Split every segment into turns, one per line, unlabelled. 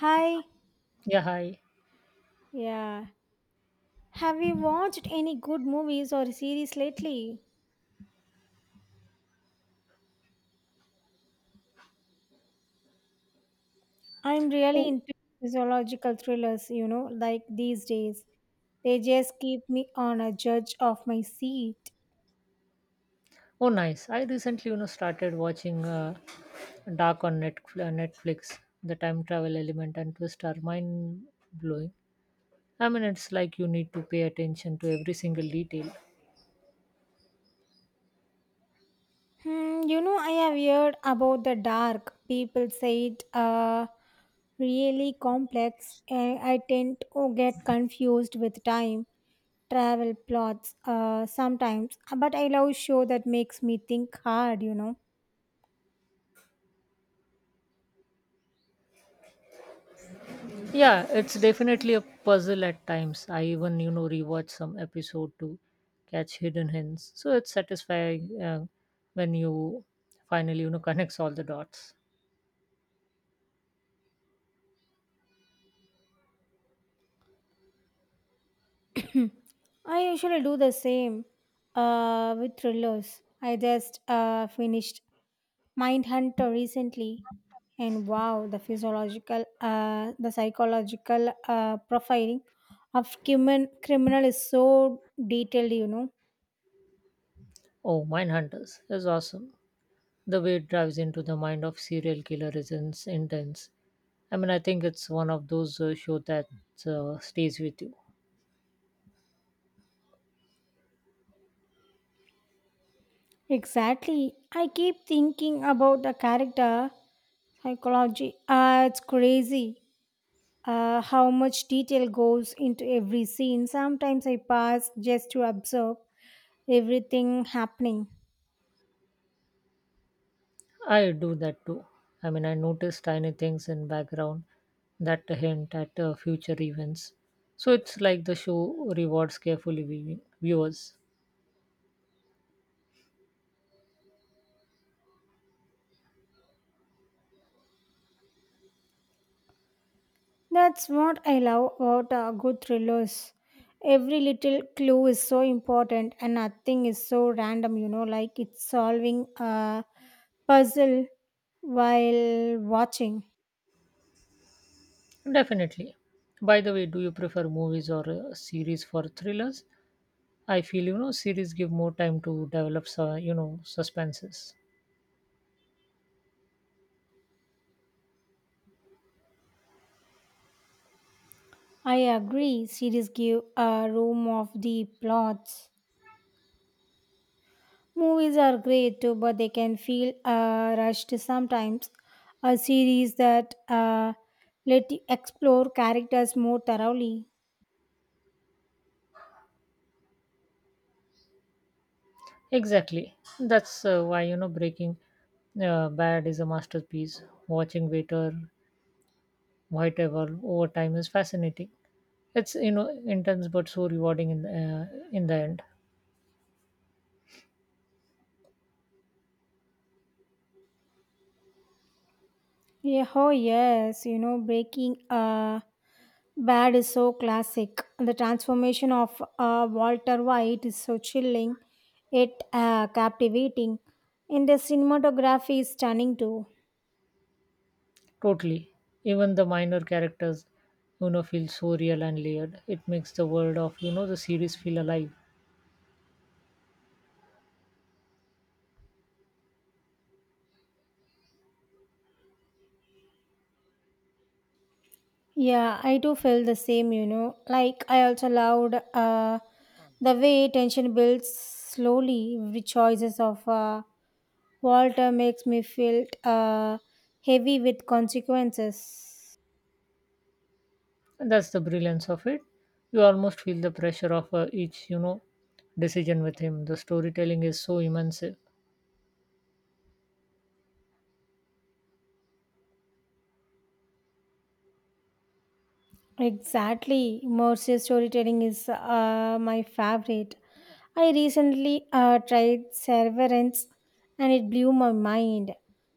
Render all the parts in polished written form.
Hi.
Yeah, hi.
Yeah. Have you watched any good movies or series lately? I'm really
Oh,
into physiological thrillers, you know, like these days. They just keep me on a judge of my seat.
oh, nice. I recently, started watching Dark on Netflix. Netflix. The time travel element and twist are mind blowing. I mean, it's like you need to pay attention to every single detail.
You know, I have heard about the dark. People say it really complex. I tend to get confused with time travel plots sometimes. But I love show that makes me think hard, you know.
Yeah, it's definitely a puzzle at times. I even, rewatch some episode to catch hidden hints. So it's satisfying when you finally, connects all the dots.
I usually do the same with thrillers. I just finished Mindhunter recently, and wow, the psychological profiling of criminal is so detailed. You know
Oh, Mindhunters is awesome. The way it drives into the mind of serial killer is intense. I mean, I think it's one of those show that stays with you.
exactly. I keep thinking about the character psychology. It's crazy. How much detail goes into every scene. Sometimes I pass just to observe everything happening.
I do that too. I mean, I notice tiny things in background that hint at future events. So it's like the show rewards carefully viewers.
That's what I love about good thrillers. Every little clue is so important, and nothing is so random, you know, like it's solving a puzzle while watching.
Definitely. By the way, do you prefer movies or series for thrillers? I feel series give more time to develop, suspenses.
I agree, series give a room of the plots. Movies are great too, but they can feel rushed sometimes. A series that let you explore characters more thoroughly.
Exactly. That's why Breaking Bad is a masterpiece. Watching Waiter Whiteover over time is fascinating. It's intense but so rewarding in the end.
Yeah, oh yes, you know, breaking bad is so classic. The transformation of Walter White is so chilling, it captivating, and the cinematography is stunning too.
Totally. Even the minor characters, feel so real and layered. It makes the world of the series feel alive,
Yeah, I do feel the same, you know. Like I also loved the way tension builds slowly. The choices of Walter makes me feel heavy with consequences.
and that's the brilliance of it. You almost feel the pressure of each decision with him. The storytelling is so immense.
Exactly. Immersive storytelling is my favorite. I recently tried Severance and it blew my mind.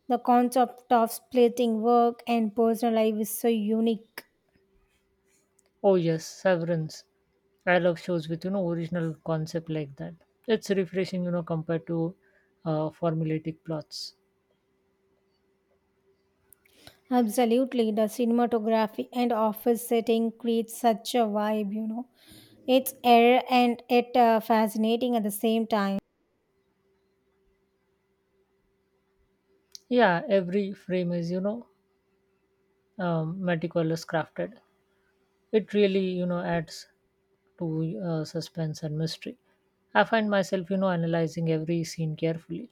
The concept of splitting work and personal life is so unique.
Oh yes, Severance. I love shows with original concept like that. It's refreshing, compared to formulaic plots.
Absolutely. The cinematography and office setting creates such a vibe, you know. It's air and it fascinating at the same time.
Yeah, every frame is meticulous crafted. It really adds to suspense and mystery. I find myself analyzing every scene carefully.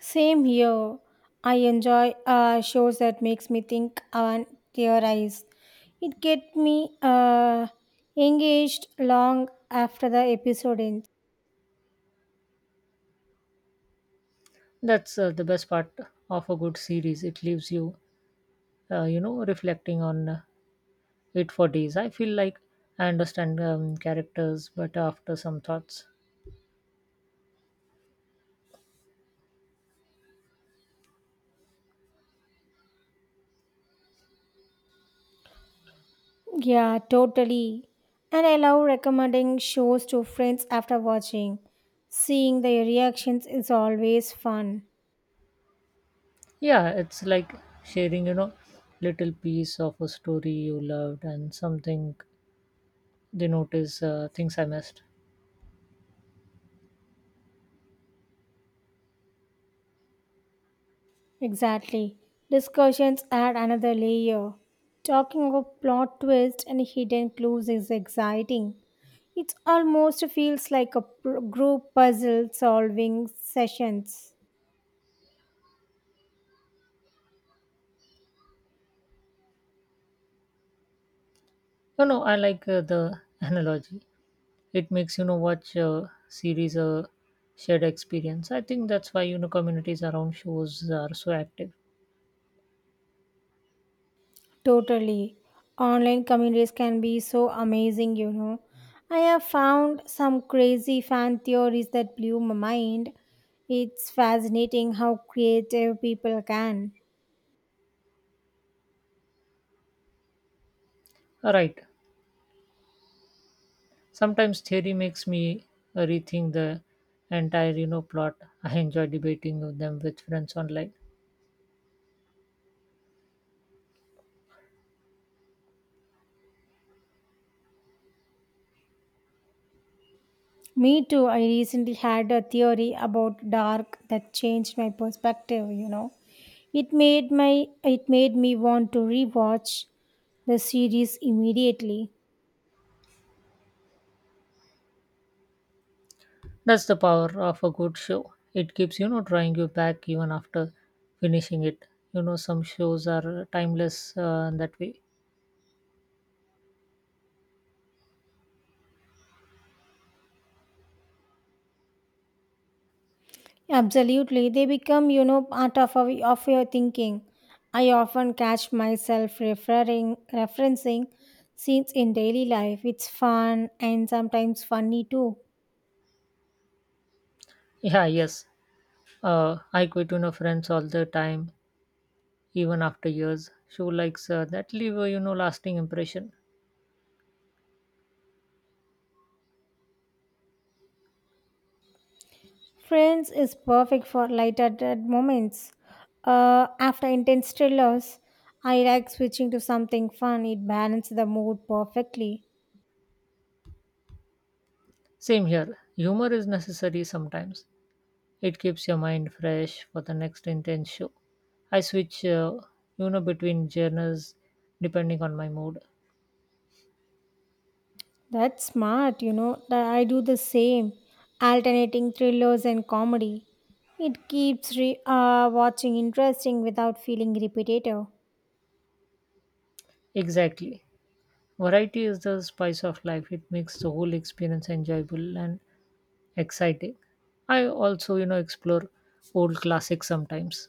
Same here. I enjoy shows that makes me think and theorize. It get me engaged long after the episode ends.
That's the best part of a good series. It leaves you you know reflecting on it for days. I feel like I understand characters but after some thoughts.
Yeah, totally. And I love recommending shows to friends after watching. Seeing their reactions is always fun.
Yeah, it's like sharing little piece of a story you loved, and something they notice things I missed.
Exactly. Discussions add another layer. Talking of plot twists and hidden clues is exciting. It almost feels like a group puzzle solving sessions.
You know I like the analogy. It makes watch a series a shared experience. I think that's why communities around shows are so active.
Totally. Online communities can be so amazing, you know. I have found some crazy fan theories that blew my mind. It's fascinating how creative people can.
All right. Sometimes theory makes me rethink the entire plot. I enjoy debating with them with friends online.
Me too. I recently had a theory about dark that changed my perspective, you know. It made me want to rewatch the series immediately.
That's the power of a good show. It keeps drawing you back even after finishing it. You know some shows are timeless that way.
Absolutely. They become, you know, part of your thinking. I often catch myself referring referencing scenes in daily life. It's fun and sometimes funny too.
Yeah, yes. I quit friends all the time, even after years. Show likes that leave a lasting impression.
Friends is perfect for lighthearted moments. After intense thrillers, I like switching to something fun. It balances the mood perfectly.
Same here. Humor is necessary sometimes. It keeps your mind fresh for the next intense show. I switch, between genres depending on my mood.
That's smart, you know. I do the same, alternating thrillers and comedy. It keeps watching interesting without feeling repetitive.
Exactly. Variety is the spice of life. It makes the whole experience enjoyable and exciting. I also, explore old classics sometimes.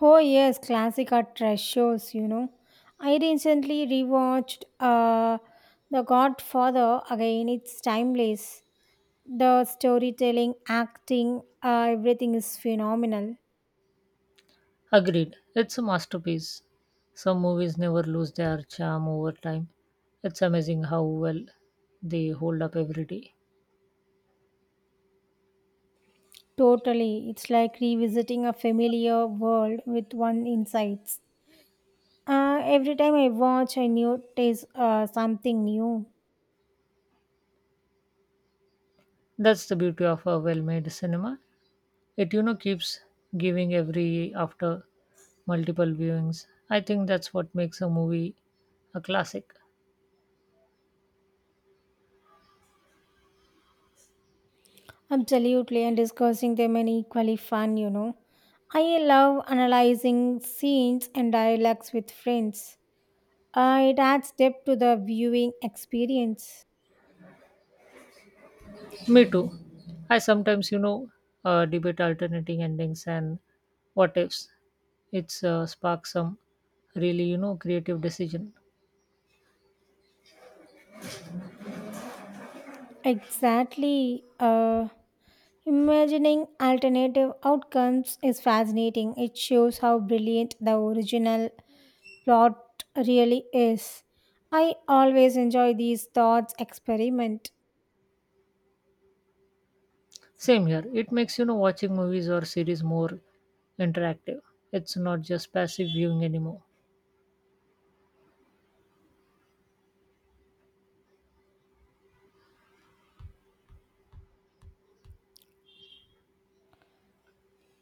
Oh yes, classic are trash shows, you know. I recently rewatched The Godfather again. It's timeless. The storytelling, acting, everything is phenomenal.
Agreed. It's a masterpiece. Some movies never lose their charm over time. It's amazing how well they hold up every day.
Totally. It's like revisiting a familiar world with one insights. Every time I watch, I knew there's something new.
That's the beauty of a well made cinema. It keeps giving every after multiple viewings. I think that's what makes a movie a classic.
Absolutely, and discussing them and equally fun, you know. I love analyzing scenes and dialogues with friends. It adds depth to the viewing experience.
Me too. I sometimes debate alternating endings and what ifs. It's sparks some really creative decision.
Exactly. Imagining alternative outcomes is fascinating. It shows how brilliant the original plot really is. I always enjoy these thoughts experiment.
Same here. It makes watching movies or series more interactive. It's not just passive viewing anymore.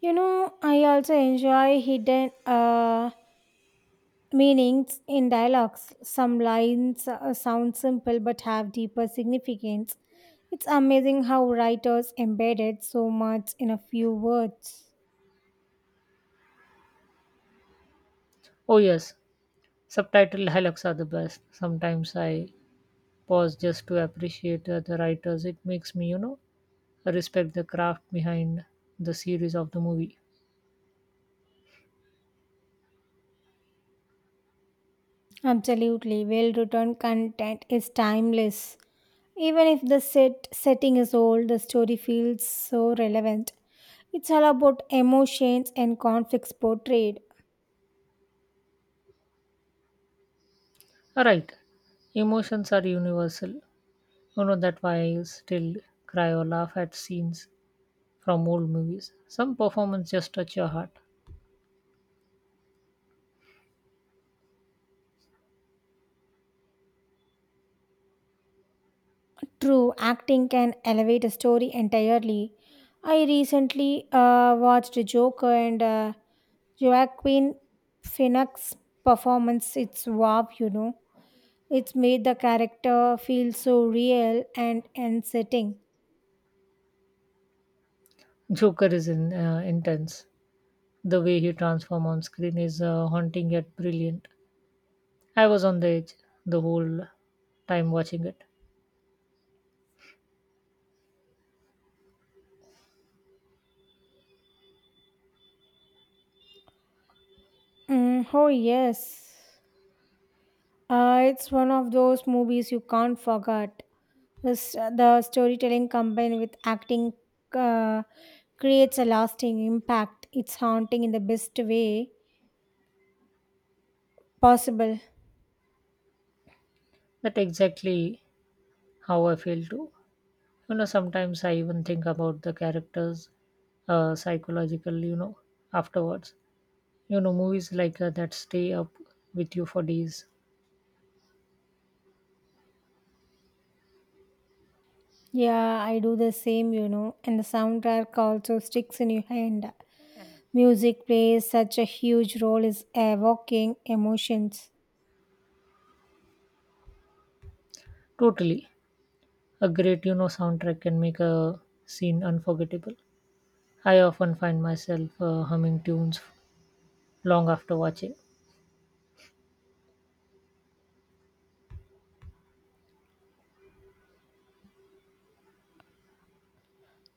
You know, I also enjoy hidden meanings in dialogues. Some lines sound simple but have deeper significance. It's amazing how writers embedded so much in a few words.
Oh yes, subtitle dialogues are the best. Sometimes I pause just to appreciate the writers. It makes me, respect the craft behind the series of the movie.
Absolutely, well written content is timeless. Even if the setting is old, the story feels so relevant. It's all about emotions and conflicts portrayed.
All right. Emotions are universal. You know that why I still cry or laugh at scenes from old movies. Some performance just touch your heart.
True, acting can elevate a story entirely. I recently watched Joker and Joaquin Phoenix's performance. It's wow, you know. It's made the character feel so real and unsettling.
Joker is intense. The way he transforms on screen is haunting yet brilliant. I was on the edge the whole time watching it.
Mm, oh yes. It's one of those movies you can't forget. The storytelling combined with acting uh, creates a lasting impact. It's haunting in the best way possible.
That exactly how I feel too. You know, sometimes I even think about the characters psychological, afterwards. You know, movies like that stay up with you for days.
Yeah, I do the same, you know, and the soundtrack also sticks in your hand. Music plays such a huge role in evoking emotions.
Totally. A great, soundtrack can make a scene unforgettable. I often find myself humming tunes long after watching.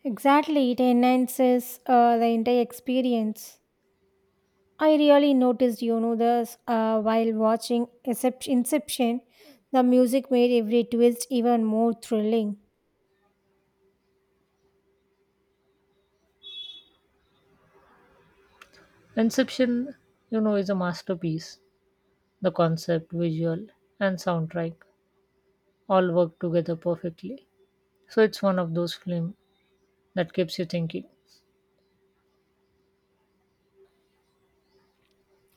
Exactly, it enhances the entire experience. I really noticed, you know, this while watching Inception, the music made every twist even more thrilling.
Inception, is a masterpiece. The concept, visual, and soundtrack all work together perfectly. So it's one of those films that keeps you thinking.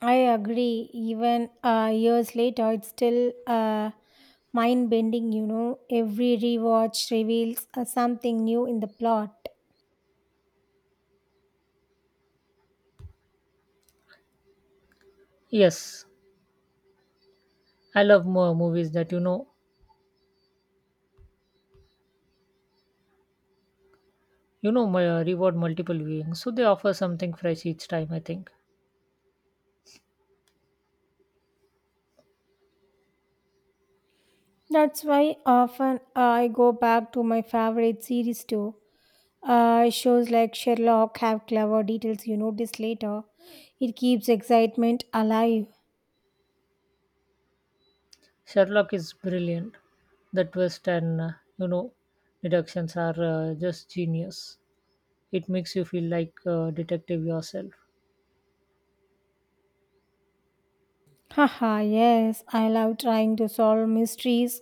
I agree. Even years later, it's still mind bending, you know. Every rewatch reveals something new in the plot.
Yes, I love more movies that my, reward multiple viewings, so they offer something fresh each time. I think
That's why often I go back to my favorite series too. Shows like Sherlock have clever details you notice later. It keeps excitement alive.
Sherlock is brilliant. The twist and you know, deductions are just genius. It makes you feel like a detective yourself.
Haha, yes, I love trying to solve mysteries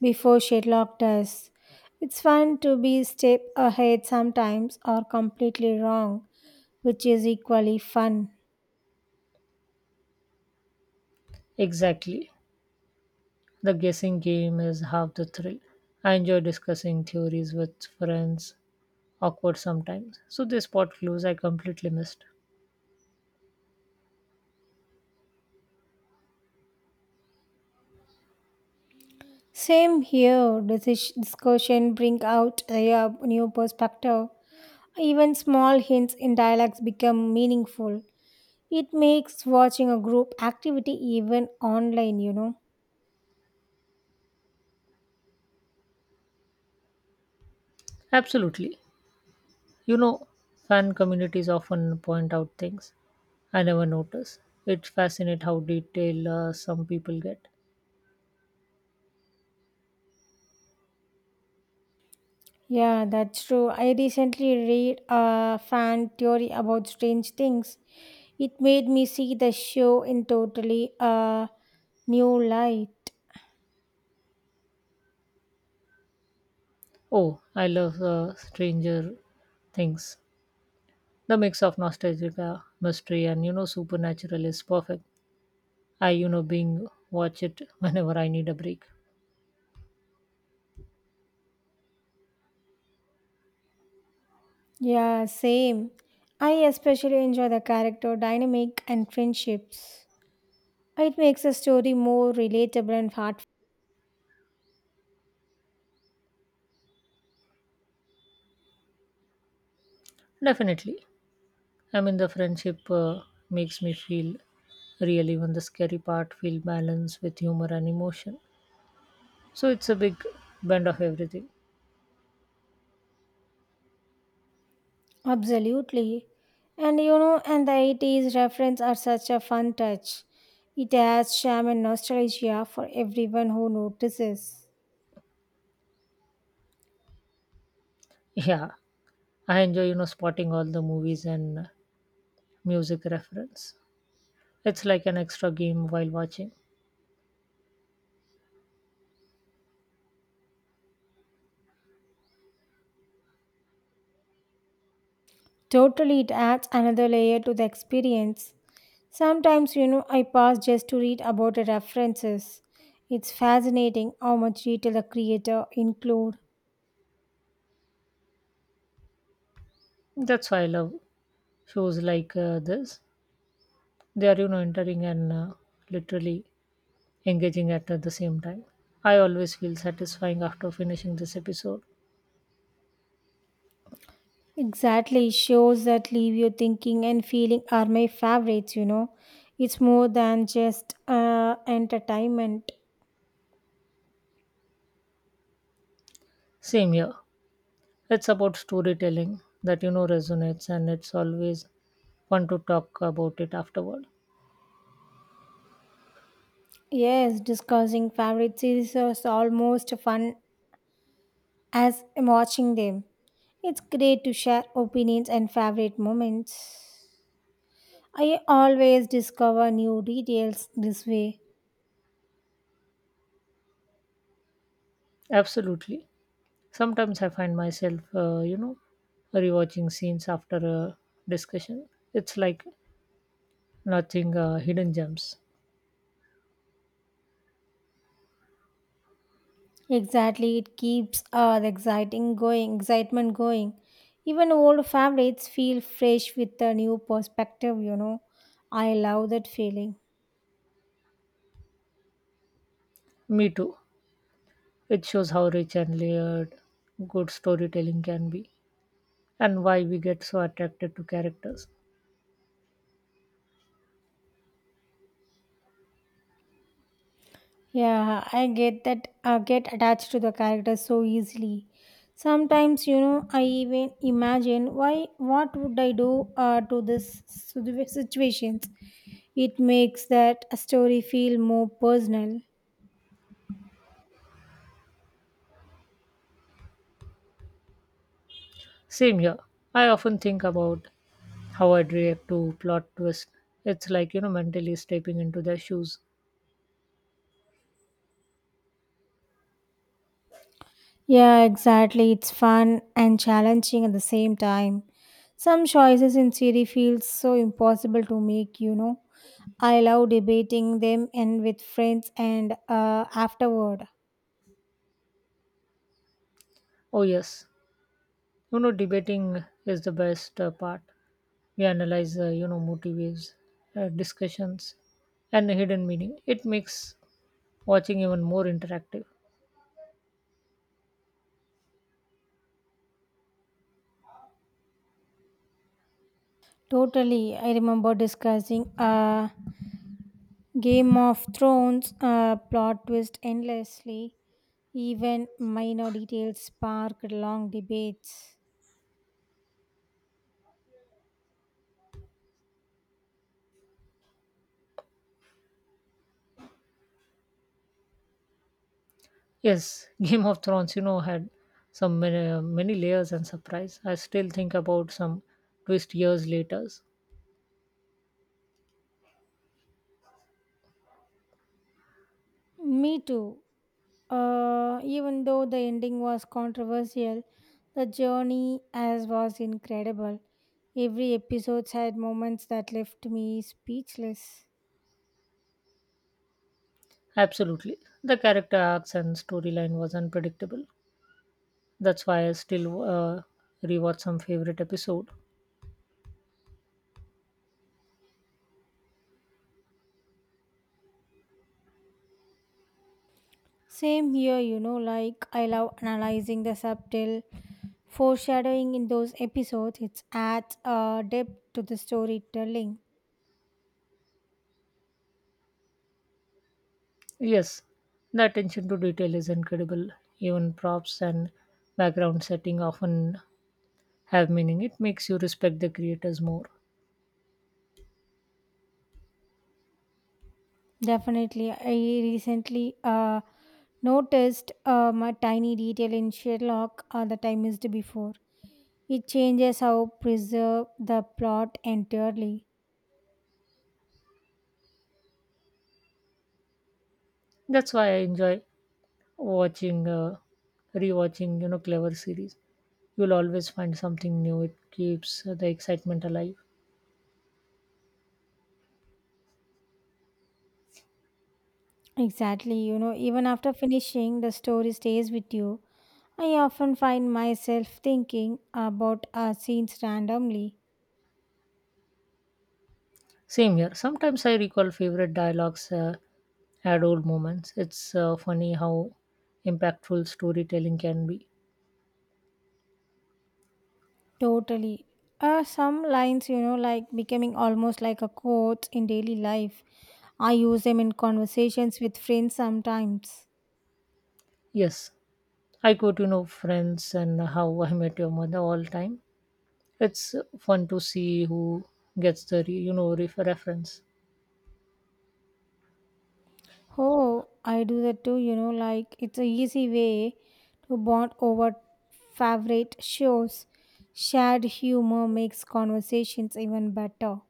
before Sherlock does. It's fun to be step ahead sometimes or completely wrong, which is equally fun.
Exactly, the guessing game is half the thrill. I enjoy discussing theories with friends, awkward sometimes. So they spot clues I completely missed.
Same here, this discussion bring out a new perspective. Even small hints in dialogues become meaningful. It makes watching a group activity even online, you know.
Absolutely, you know, fan communities often point out things I never notice. It's fascinating how detailed some people get.
Yeah, that's true. I recently read a fan theory about strange things. It made me see the show in totally a new light.
Oh, I love Stranger Things. The mix of nostalgia, mystery and supernatural is perfect. I being watch it whenever I need a break.
Yeah, same. I especially enjoy the character dynamic and friendships. It makes the story more relatable and heartfelt.
Definitely. I mean the friendship makes me feel real. Even the scary part feel balanced with humor and emotion. So it's a big blend of everything.
Absolutely. And you know, and the 80s reference are such a fun touch. It adds charm and nostalgia for everyone who notices.
Yeah, I enjoy spotting all the movies and music reference. It's like an extra game while watching.
Totally, it adds another layer to the experience. Sometimes, you know, I pass just to read about the references. It's fascinating how much detail the creator include.
That's why I love shows like this. They are, entering and literally engaging at the same time. I always feel satisfying after finishing this episode.
Exactly, shows that leave you thinking and feeling are my favorites, you know. It's more than just entertainment.
Same here. It's about storytelling that, resonates, and it's always fun to talk about it afterward.
Yes, discussing favorite series is almost fun as watching them. It's great to share opinions and favorite moments. I always discover new details this way.
Absolutely. Sometimes I find myself, rewatching scenes after a discussion. It's like nothing hidden gems.
Exactly, it keeps excitement going. Even old favorites feel fresh with a new perspective, you know. I love that feeling.
Me too. It shows how rich and layered good storytelling can be and why we get so attracted to characters.
Yeah, I get that get attached to the character so easily. Sometimes, you know, I even imagine why what would I do to this situations. It makes that story feel more personal.
Same here. I often think about how I'd react to plot twist. It's like, mentally stepping into their shoes.
Yeah, exactly. It's fun and challenging at the same time. Some choices in Siri feel so impossible to make, you know. I love debating them and with friends and afterward.
Oh, yes. You know, debating is the best part. We analyze, motives, discussions, and hidden meaning. It makes watching even more interactive.
Totally. I remember discussing Game of Thrones plot twist endlessly. Even minor details sparked long debates.
Yes, Game of Thrones, had some many, many layers and surprise. I still think about some twist years later.
Me too. Even though the ending was controversial, the journey as was incredible. Every episode had moments that left me speechless.
Absolutely. The character arcs and storyline was unpredictable. That's why I still rewatch some favorite episode.
Same here, you know, like I love analyzing the subtle foreshadowing in those episodes. It adds depth to the storytelling.
Yes, the attention to detail is incredible. Even props and background setting often have meaning. It makes you respect the creators more.
Definitely, I recently noticed a tiny detail in Sherlock that I missed before. It changes how preserve the plot entirely.
That's why I enjoy watching, uh, rewatching, clever series. You'll always find something new. It keeps the excitement alive.
Exactly, you know, even after finishing, the story stays with you. I often find myself thinking about scenes randomly.
Same here. Sometimes I recall favorite dialogues at old moments. It's funny how impactful storytelling can be.
Totally. Some lines, you know, like becoming almost like a quote in daily life. I use them in conversations with friends sometimes.
Yes, I quote, Friends and How I Met Your Mother all time. It's fun to see who gets the reference.
Oh, I do that too, you know, like it's a easy way to bond over favorite shows. Shared humor makes conversations even better.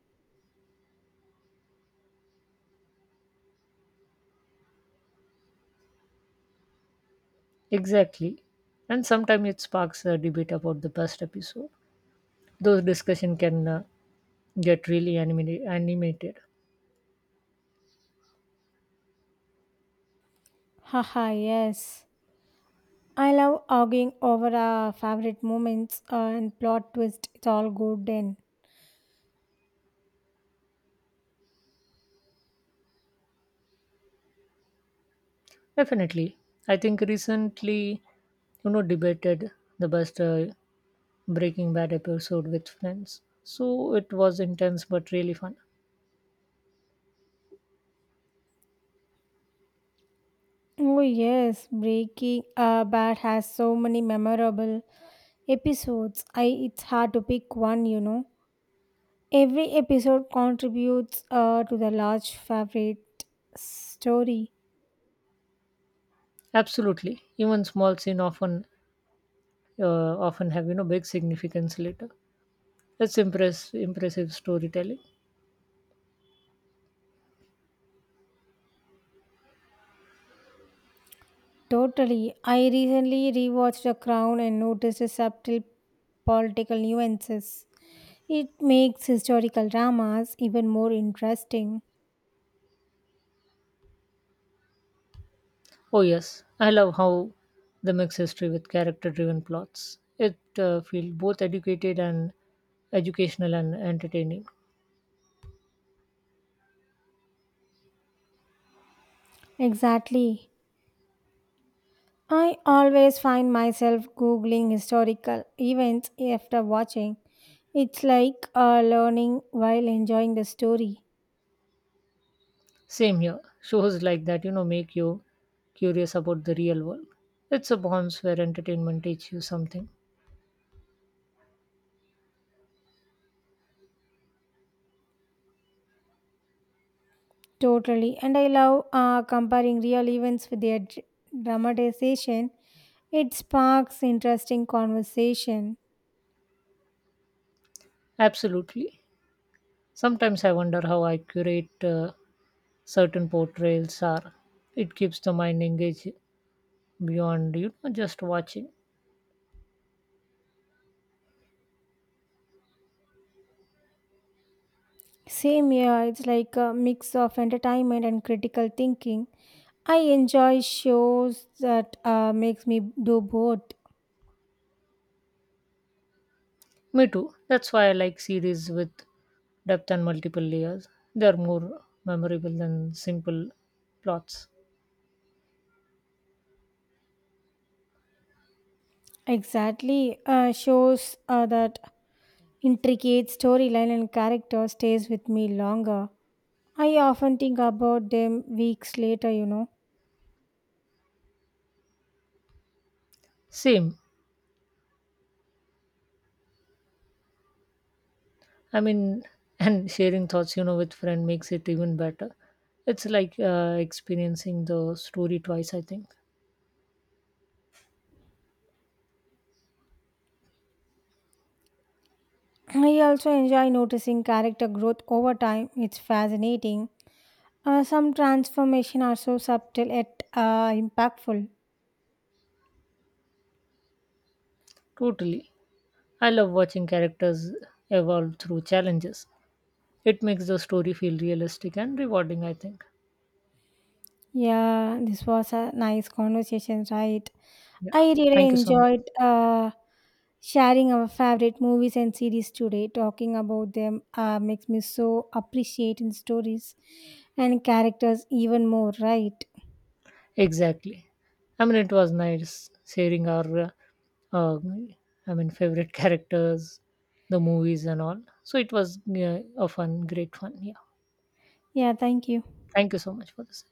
Exactly. And sometimes it sparks a debate about the best episode. Those discussion can get really animated.
Haha, yes. I love arguing over our favorite moments and plot twist. It's all good then.
Definitely. I think recently, debated the best Breaking Bad episode with friends. So it was intense but really fun.
Oh yes, Breaking Bad has so many memorable episodes. I It's hard to pick one, you know. Every episode contributes to the large favorite story.
Absolutely. Even small scene often have, big significance later. It's impressive storytelling.
Totally. I recently rewatched The Crown and noticed the subtle political nuances. It makes historical dramas even more interesting.
Oh yes, I love how the mix history with character driven plots. It feels both educated and educational and entertaining.
Exactly. I always find myself googling historical events after watching. It's like learning while enjoying the story.
Same here. Shows like that, make you curious about the real world. It's a bonds where entertainment teaches you something.
Totally. And I love comparing real events with their dramatization. It sparks interesting conversation.
Absolutely. Sometimes I wonder how accurate certain portrayals are. It keeps the mind engaged beyond, just watching.
Same here, it's like a mix of entertainment and critical thinking. I enjoy shows that makes me do both.
Me too. That's why I like series with depth and multiple layers. They are more memorable than simple plots.
Exactly, shows that intricate storyline and character stays with me longer. I often think about them weeks later, you know.
Same. I mean, and sharing thoughts, with friend makes it even better. It's like experiencing the story twice, I think.
I also enjoy noticing character growth over time. It's fascinating. Some transformation are so subtle yet impactful.
Totally. I love watching characters evolve through challenges. It makes the story feel realistic and rewarding, I think.
Yeah, this was a nice conversation, right?
Yeah.
I really
Thank you so much.
enjoyed sharing our favorite movies and series today. Talking about them makes me so appreciate in stories and characters even more, right?
Exactly. I mean, it was nice sharing our, uh, favorite characters, the movies and all. So it was a great fun. Yeah.
Yeah, thank you.
Thank you so much for this.